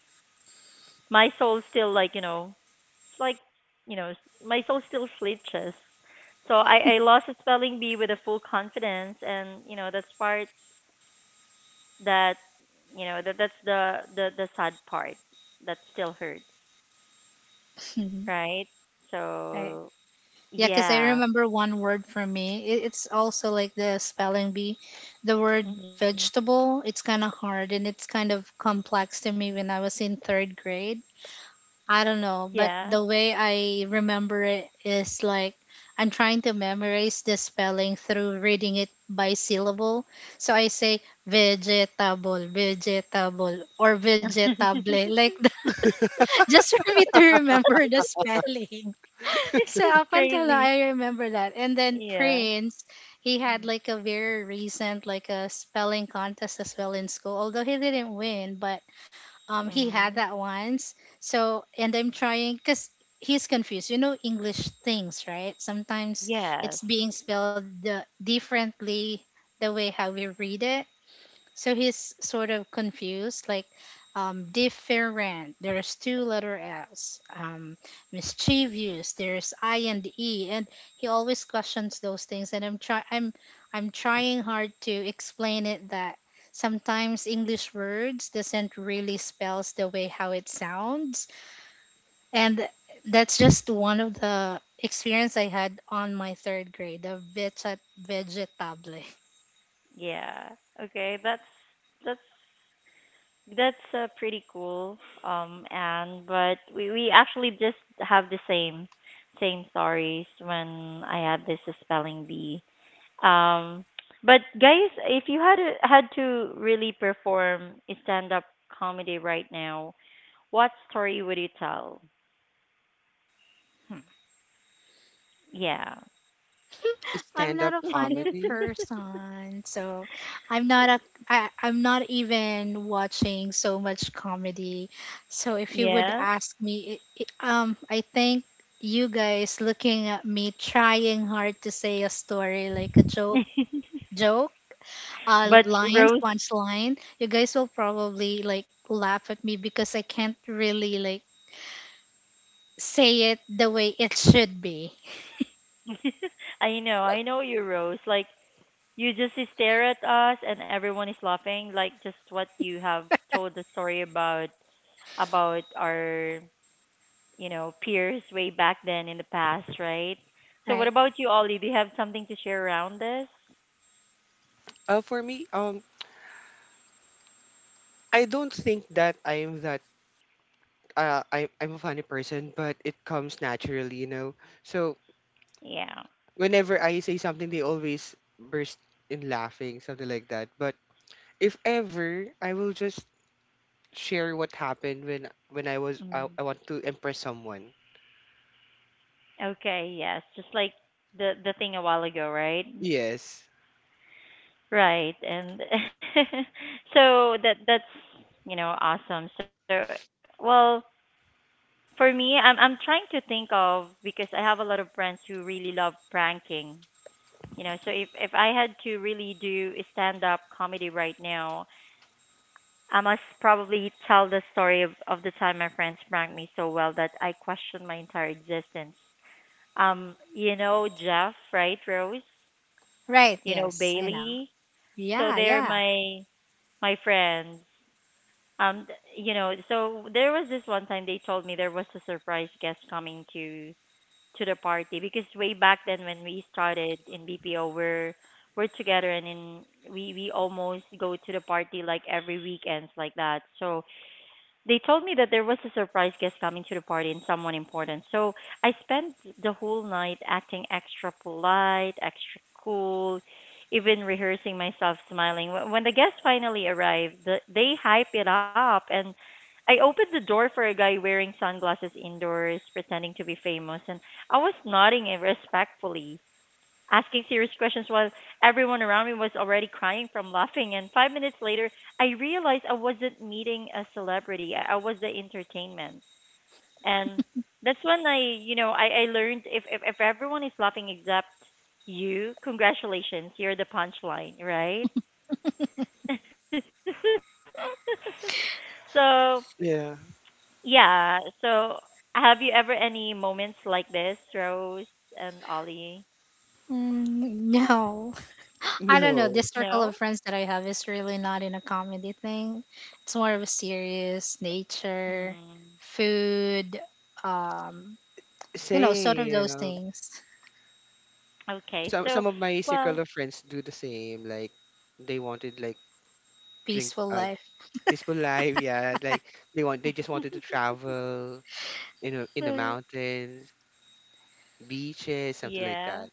my soul still like you know it's like, you know, s- my soul still flitches. So I, I lost the spelling bee with a full confidence, and you know that's part that, you know that that's the the the sad part that still hurts, right?
Right.
So,
Yeah, because I
yeah,
remember one word for me. It, it's also like the spelling bee. The word
hmm
vegetable, it's kind of hard and it's kind of complex to me when I was in third grade. I don't know,
yeah,
but the way I remember it is like I'm trying to memorize the spelling through reading it by syllable. So I say vegetable, vegetable, or vegetable, like that, just for me to remember the spelling.
it's just
So up until
crazy.
now, I remember that. And then
Yeah.
Prince, he had like a very recent like a spelling contest as well in school. Although he didn't win, but um he had
Mm-hmm.
that once. So and I'm trying because he's confused. You know English things, right? Sometimes
Yes.
it's being spelled the, differently the way how we read it. So he's sort of confused, like um, different. There's two letter S. Um, mischievous. There's I and E, and he always questions those things. And I'm try I'm I'm trying hard to explain it that sometimes English words doesn't really spells the way how it sounds, and that's just one of the experience I had on my third grade, the veget vegetable.
Yeah. Okay. That's that's That's uh, Pretty cool, um, and but we, we actually just have the same same stories when I had this spelling bee. Um, but guys, if you had a, had to really perform a stand up comedy right now, what story would you tell? Yeah,
I'm
Stand
not
up
a funny
comedy.
person, so I'm not a I, I'm not even watching so much comedy. So if you would
yeah.
ask me, i i um, I think you guys looking at me trying hard to say a story like a joke, joke, uh,
But
lines,
Rose,
punchline. You guys will probably like laugh at me because I can't really like say it the way it should be.
I know, I know you, Rose. Like you just stare at us, and everyone is laughing. Like just what you have told the story about. about our, you know, peers way back then in the past, right? So what
Right,
about you, Ollie? Do you have something to share around this?
Uh for me, um I don't think that I'm that uh I I'm a funny person, but it comes naturally, you know. So
Yeah.
whenever I say something they always burst in laughing, something like that. But if ever I will just share what happened when when I was I,
Mm.
I want to impress someone.
Okay, yes. Just like the the thing a while ago, right?
Yes.
Right. And so that that's, you know, awesome. So, well, for me, I'm I'm trying to think of because I have a lot of friends who really love pranking. You know, so if if I had to really do a stand-up comedy right now, I must probably tell the story of, of the time my friends pranked me so well that I questioned my entire existence. Um, you know Jeff, right, Rose?
right.
You know
Yes, I know.
Bailey? So
Yeah,
they're
yeah.
my my friends. Um, th- you know, so there was this one time they told me there was a surprise guest coming to to the party because way back then when we started in B P O, we're we're together and in we we almost go to the party like every weekends like that. So they told me that there was a surprise guest coming to the party and someone important. So I spent the whole night acting extra polite, extra cool, even rehearsing myself smiling. Wh- When the guest finally arrived, the, they hype it up and I opened the door for a guy wearing sunglasses indoors, pretending to be famous, and I was nodding it respectfully asking serious questions while everyone around me was already crying from laughing. And five minutes later, I realized I wasn't meeting a celebrity. I, I was the entertainment. And that's when I, you know, I, I learned if, if, if everyone is laughing except you, congratulations, you're the punchline, right? so,
Yeah.
yeah. So, have you ever any moments like this, Rose and Ollie?
Mm, no. I don't know.
No.
This circle
No?
of friends that I have is really not in a comedy thing. It's more of a serious nature,
Mm.
food, um, you know, sort of those
Same.
things.
Okay,
Some
so
some of my circle
well,
of friends do the same. Like they wanted like drink
Peaceful
uh
life.
peaceful life, yeah. Like they want they just wanted to travel in a, in the
Mm.
mountains, beaches, something like
yeah.
that.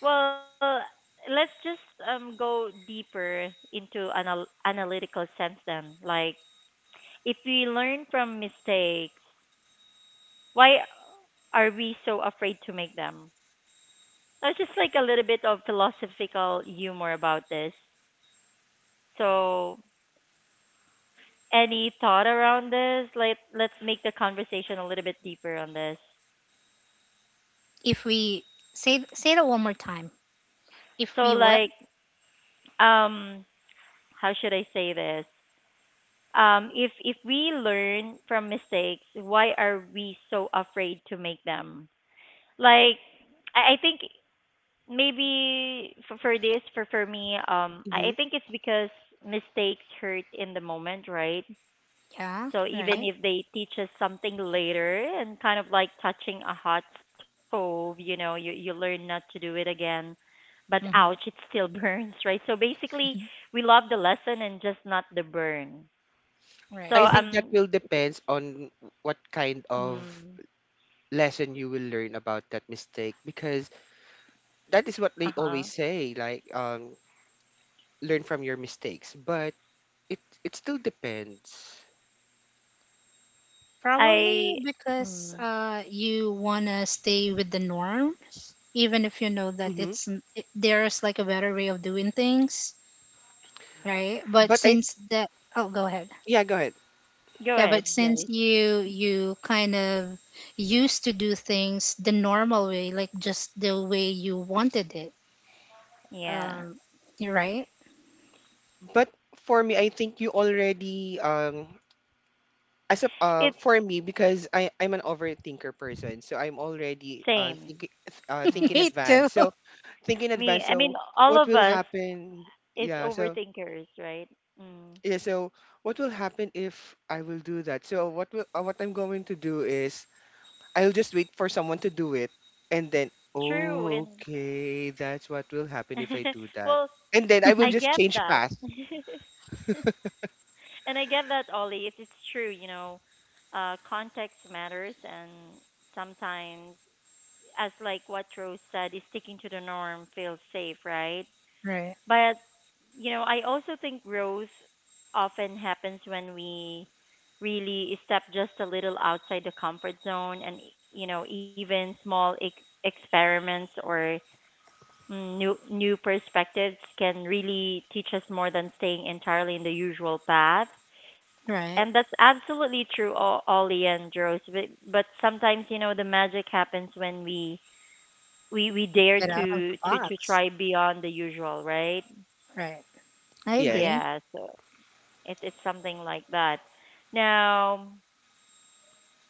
Well, let's just um go deeper into anal analytical sense then. Like if we learn from mistakes, why are we so afraid to make them? That's just like a little bit of philosophical humor about this. So, any thought around this? Like let's make the conversation a little bit deeper on this.
If we say say that one more time. If
So
we what?
like um how should I say this? um, if if we learn from mistakes, why are we so afraid to make them? Like, I, I think maybe for, for this, for for me, um, I, I
Hmm.
think it's because mistakes hurt in the moment, right?
Yeah,
So even
right.
if they teach us something later, and kind of like touching a hot stove, you know, you you learn not to do it again. But ouch,
Mm-hmm.
it still burns, right? So basically, we love the lesson and just not the burn. So
I
Right.
think that
um
will depends on what kind of
Mm.
lesson you will learn about that mistake because that is what they
Uh-huh.
always say like um learn from your mistakes but it it still depends.
Probably
I
because
mm.
uh you wanna stay with the norm even if you know that
Hmm.
it's n- it- there's like a better way of doing things, right? But
but I
since that, oh, go ahead.
Yeah, go ahead.
Go
Yeah, but
ahead,
since
guys.
you you kind of used to do things the normal way, like just the way you wanted it,
Yeah.
um you're right.
But for me I think you already um as a uh,
It's
for me because i i'm an overthinker person so I'm already uh
same.
thinking, uh think in
Mm.
Me too.
advance, so think in
Me,
advance
I mean,
so
all
what
of
will
us
happen,
is
yeah, so
overthinkers, right? Mm.
yeah so what will happen if I will do that, so what will uh, what I'm going to do is I'll just wait for someone to do it and then
True,
oh
and
okay that's what will happen if I do that
well,
and then I will
I
just
get
change
that.
path.
and I get that, Ollie. It's it's true, you know. Uh, context matters, and sometimes, as like what Rose said, is sticking to the norm feels safe, right?
Right,
But you know, I also think growth often happens when we really step just a little outside the comfort zone, and you know, even small ex- experiments or mm, new new perspectives can really teach us more than staying entirely in the usual path.
right.
And that's absolutely true, O- Ollie and Rose. But, but sometimes, you know, the magic happens when we we we dare
Get out of the
to to to
box,
try beyond the usual, right?
right, I
Yes.
agree.
Yes. It it's something like that. Now,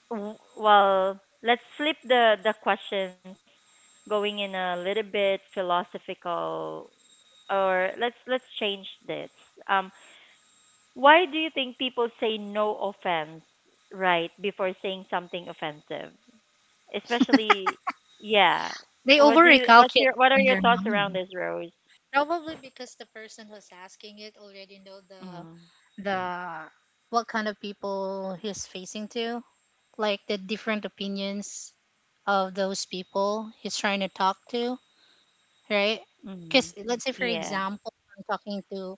w- well, let's flip the the questions, going in a little bit philosophical, or let's let's change this. Um, why do you think people say no offense right before saying something offensive? Especially, yeah.
They
What do you? What's
overrecalculate
your? What are
in
your
their
thoughts around
mind.
this, Rose?
Probably because the person who's asking it already know the
Mm-hmm.
the what kind of people he's facing to, like the different opinions of those people he's trying to talk to, right?
Mm-hmm.
Because let's say, for
Yeah.
example, I'm talking to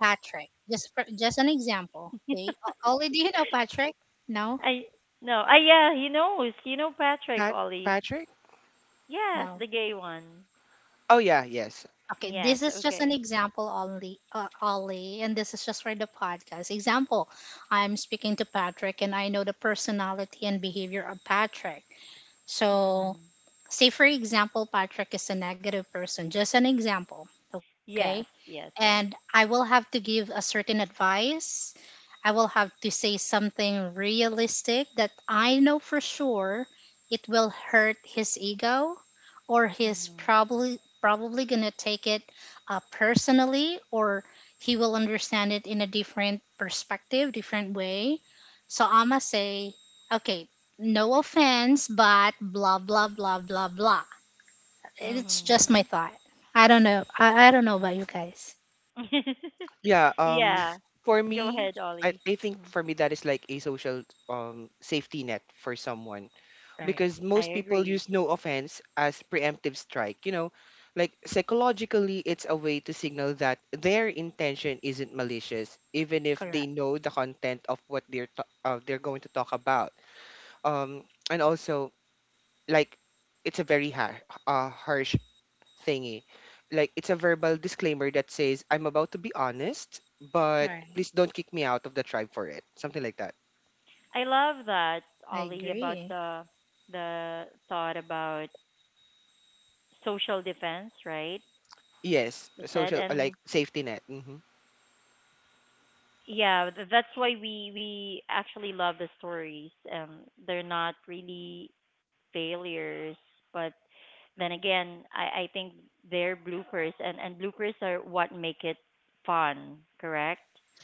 Patrick. Just for, just an example, okay? O- Ollie, do you know Patrick? No,
I no. Ah, yeah, he knows. You know Patrick
Pat
Ollie.
Patrick.
Yes,
no.
the gay one.
Oh yeah, yes.
Okay,
Yes.
this is just an
Okay.
example only, uh, only, and this is just for the podcast. Example, I'm speaking to Patrick, and I know the personality and behavior of Patrick. So
Mm.
say for example Patrick is a negative person, just an example, okay?
Yes. Yes.
And
Yes.
I will have to give a certain advice. I will have to say something realistic that I know for sure it will hurt his ego, or he's
hmm
probably probably gonna take it uh, personally, or he will understand it in a different perspective, different way. So I must say, okay, no offense, but blah blah blah blah blah. It's just my
hmm
thought. I don't know. I, I don't know about you guys.
Yeah, um
yeah.
for
Go
me,
ahead,
I,
Ollie.
I think
Mm.
for me that is like a social um safety net for someone
Right.
because
I
most people
agree.
use no offense as preemptive strike. You know, like psychologically, it's a way to signal that their intention isn't malicious, even if they
Correct.
know the content of what they're t- uh, they're going to talk about. Um, and also, like, it's a very har- uh, harsh thingy. Like, it's a verbal disclaimer that says, "I'm about to be honest, but
Right.
please don't kick me out of the tribe for it." Something like that.
I love that,
I
Ollie, about
agree.
the the thought about social defense, right?
Yes,
You said,
social uh, like
and
safety net. Hmm.
yeah, th- that's why we we actually love the stories. Um, they're not really failures, but then again, I I think they're bloopers, and and bloopers are what make it fun, correct?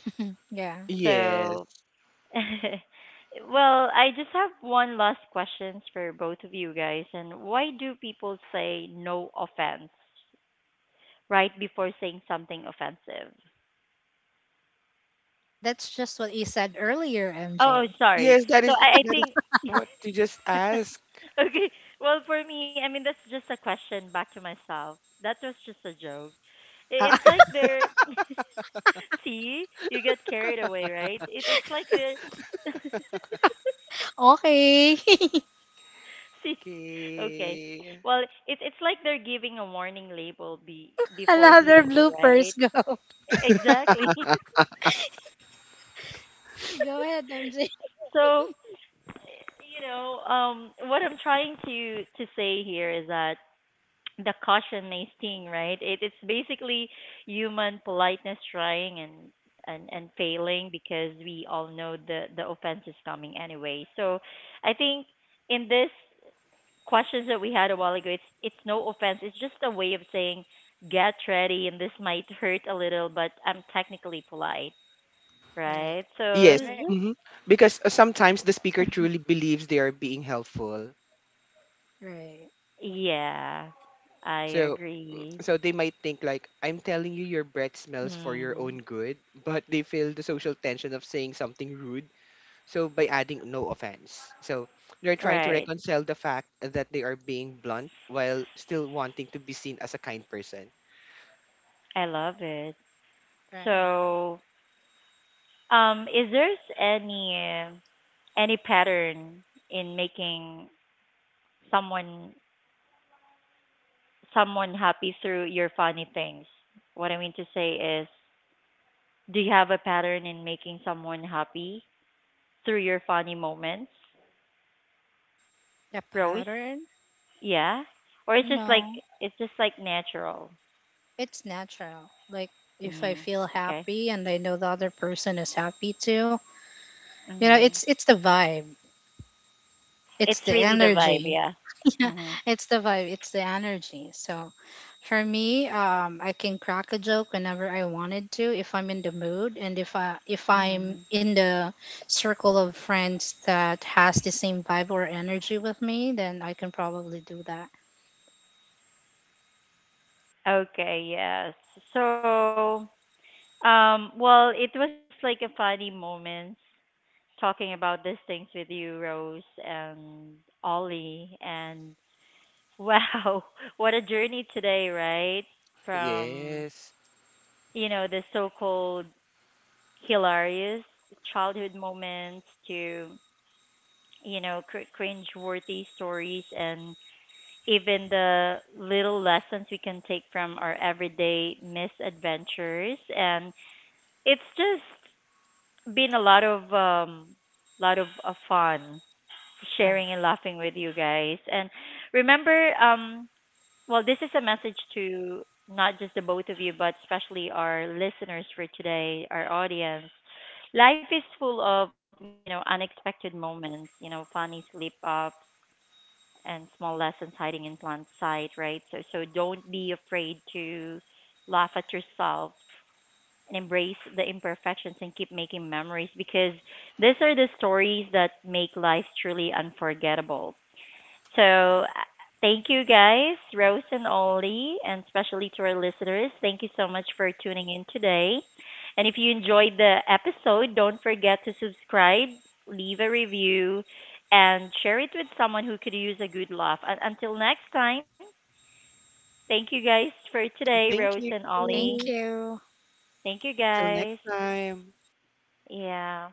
Yeah.
Yes.
So, well, I just have one last questions for both of you guys, and why do people say no offense right before saying something offensive?
That's just what you said earlier,
Oh, oh,
M J.
sorry.
Yes, that
So
is
I I
that is
think.
what you just asked.
Okay. Well, for me, I mean, that's just a question back to myself. That was just a joke. I-
Ah,
It's like they're see, you get carried away, right? It it's like they're
okay.
see. Okay.
Okay.
Well, it's it's like they're giving a warning label be, before
Another
hitting you, right?
bloopers.
E,
Go,
Exactly.
go ahead, M J.
So, you know, um, what I'm trying to to say here is that the caution may sting, right? It, it's basically human politeness trying and, and, and failing because we all know the, the offense is coming anyway. So I think in this questions that we had a while ago, it's it's no offense. It's just a way of saying get ready and this might hurt a little, but I'm technically polite,
Right.
right? So
Yes.
Right.
it's
Hmm. Because uh, sometimes the speaker
just
truly believes they are being helpful.
Right.
yeah, I
So
agree.
so they might think like I'm telling you your breath smells for your
Mm,
own good, but they feel the social tension of saying something rude. So by adding no offense. So they're trying to
right.
reconcile the fact that they are being blunt while still wanting to be seen as a kind person.
I love it.
Right.
So Um, is there any any pattern in making someone someone happy through your funny things? What I mean to say is, do you have a pattern in making someone happy through your funny moments,
The
Rose?
pattern?
Yeah, or it's just like
No.
it's just like natural.
It's natural. Like if I
Mm-hmm.
feel
Okay.
happy and I know the other person is happy too. You know,
Mm-hmm.
it's it's the vibe, it's
It's
the
really the vibe,
energy,
yeah. Mm-hmm.
it's the vibe, it's the energy. So for me, um I can crack a joke whenever I wanted to if I'm in the mood, and if i if
Mm-hmm.
i'm in the circle of friends that has the same vibe or energy with me, then I can probably do that,
Okay, yes. So Um, well, it was just like a funny moments talking about these things with you, Rose and Ollie, and wow, what a journey today, right? From
Yes.
you know the so-called hilarious childhood moments to you know cr- cringe-worthy stories and even the little lessons we can take from our everyday misadventures and it's just been a lot of um lot of uh, fun
right.
sharing and laughing with you guys and remember um well this is a message to not just the both of you but especially our listeners for today our audience life is full of you know unexpected moments you know funny slip ups and small lessons hiding in plain sight right so so don't be afraid to laugh at yourself and embrace the imperfections and keep making memories because these are the stories that make life truly unforgettable. So, uh, thank you guys, Rose and Ollie, and especially to our listeners. Thank you so much for tuning in today. And if you enjoyed the episode, don't forget to subscribe, leave a review, and share it with someone who could use a good laugh. Un- until next time, thank you guys for today,
Thank
Rose
you.
and Ollie.
Thank you.
Thank you
Till next
guys.
time.
Yeah.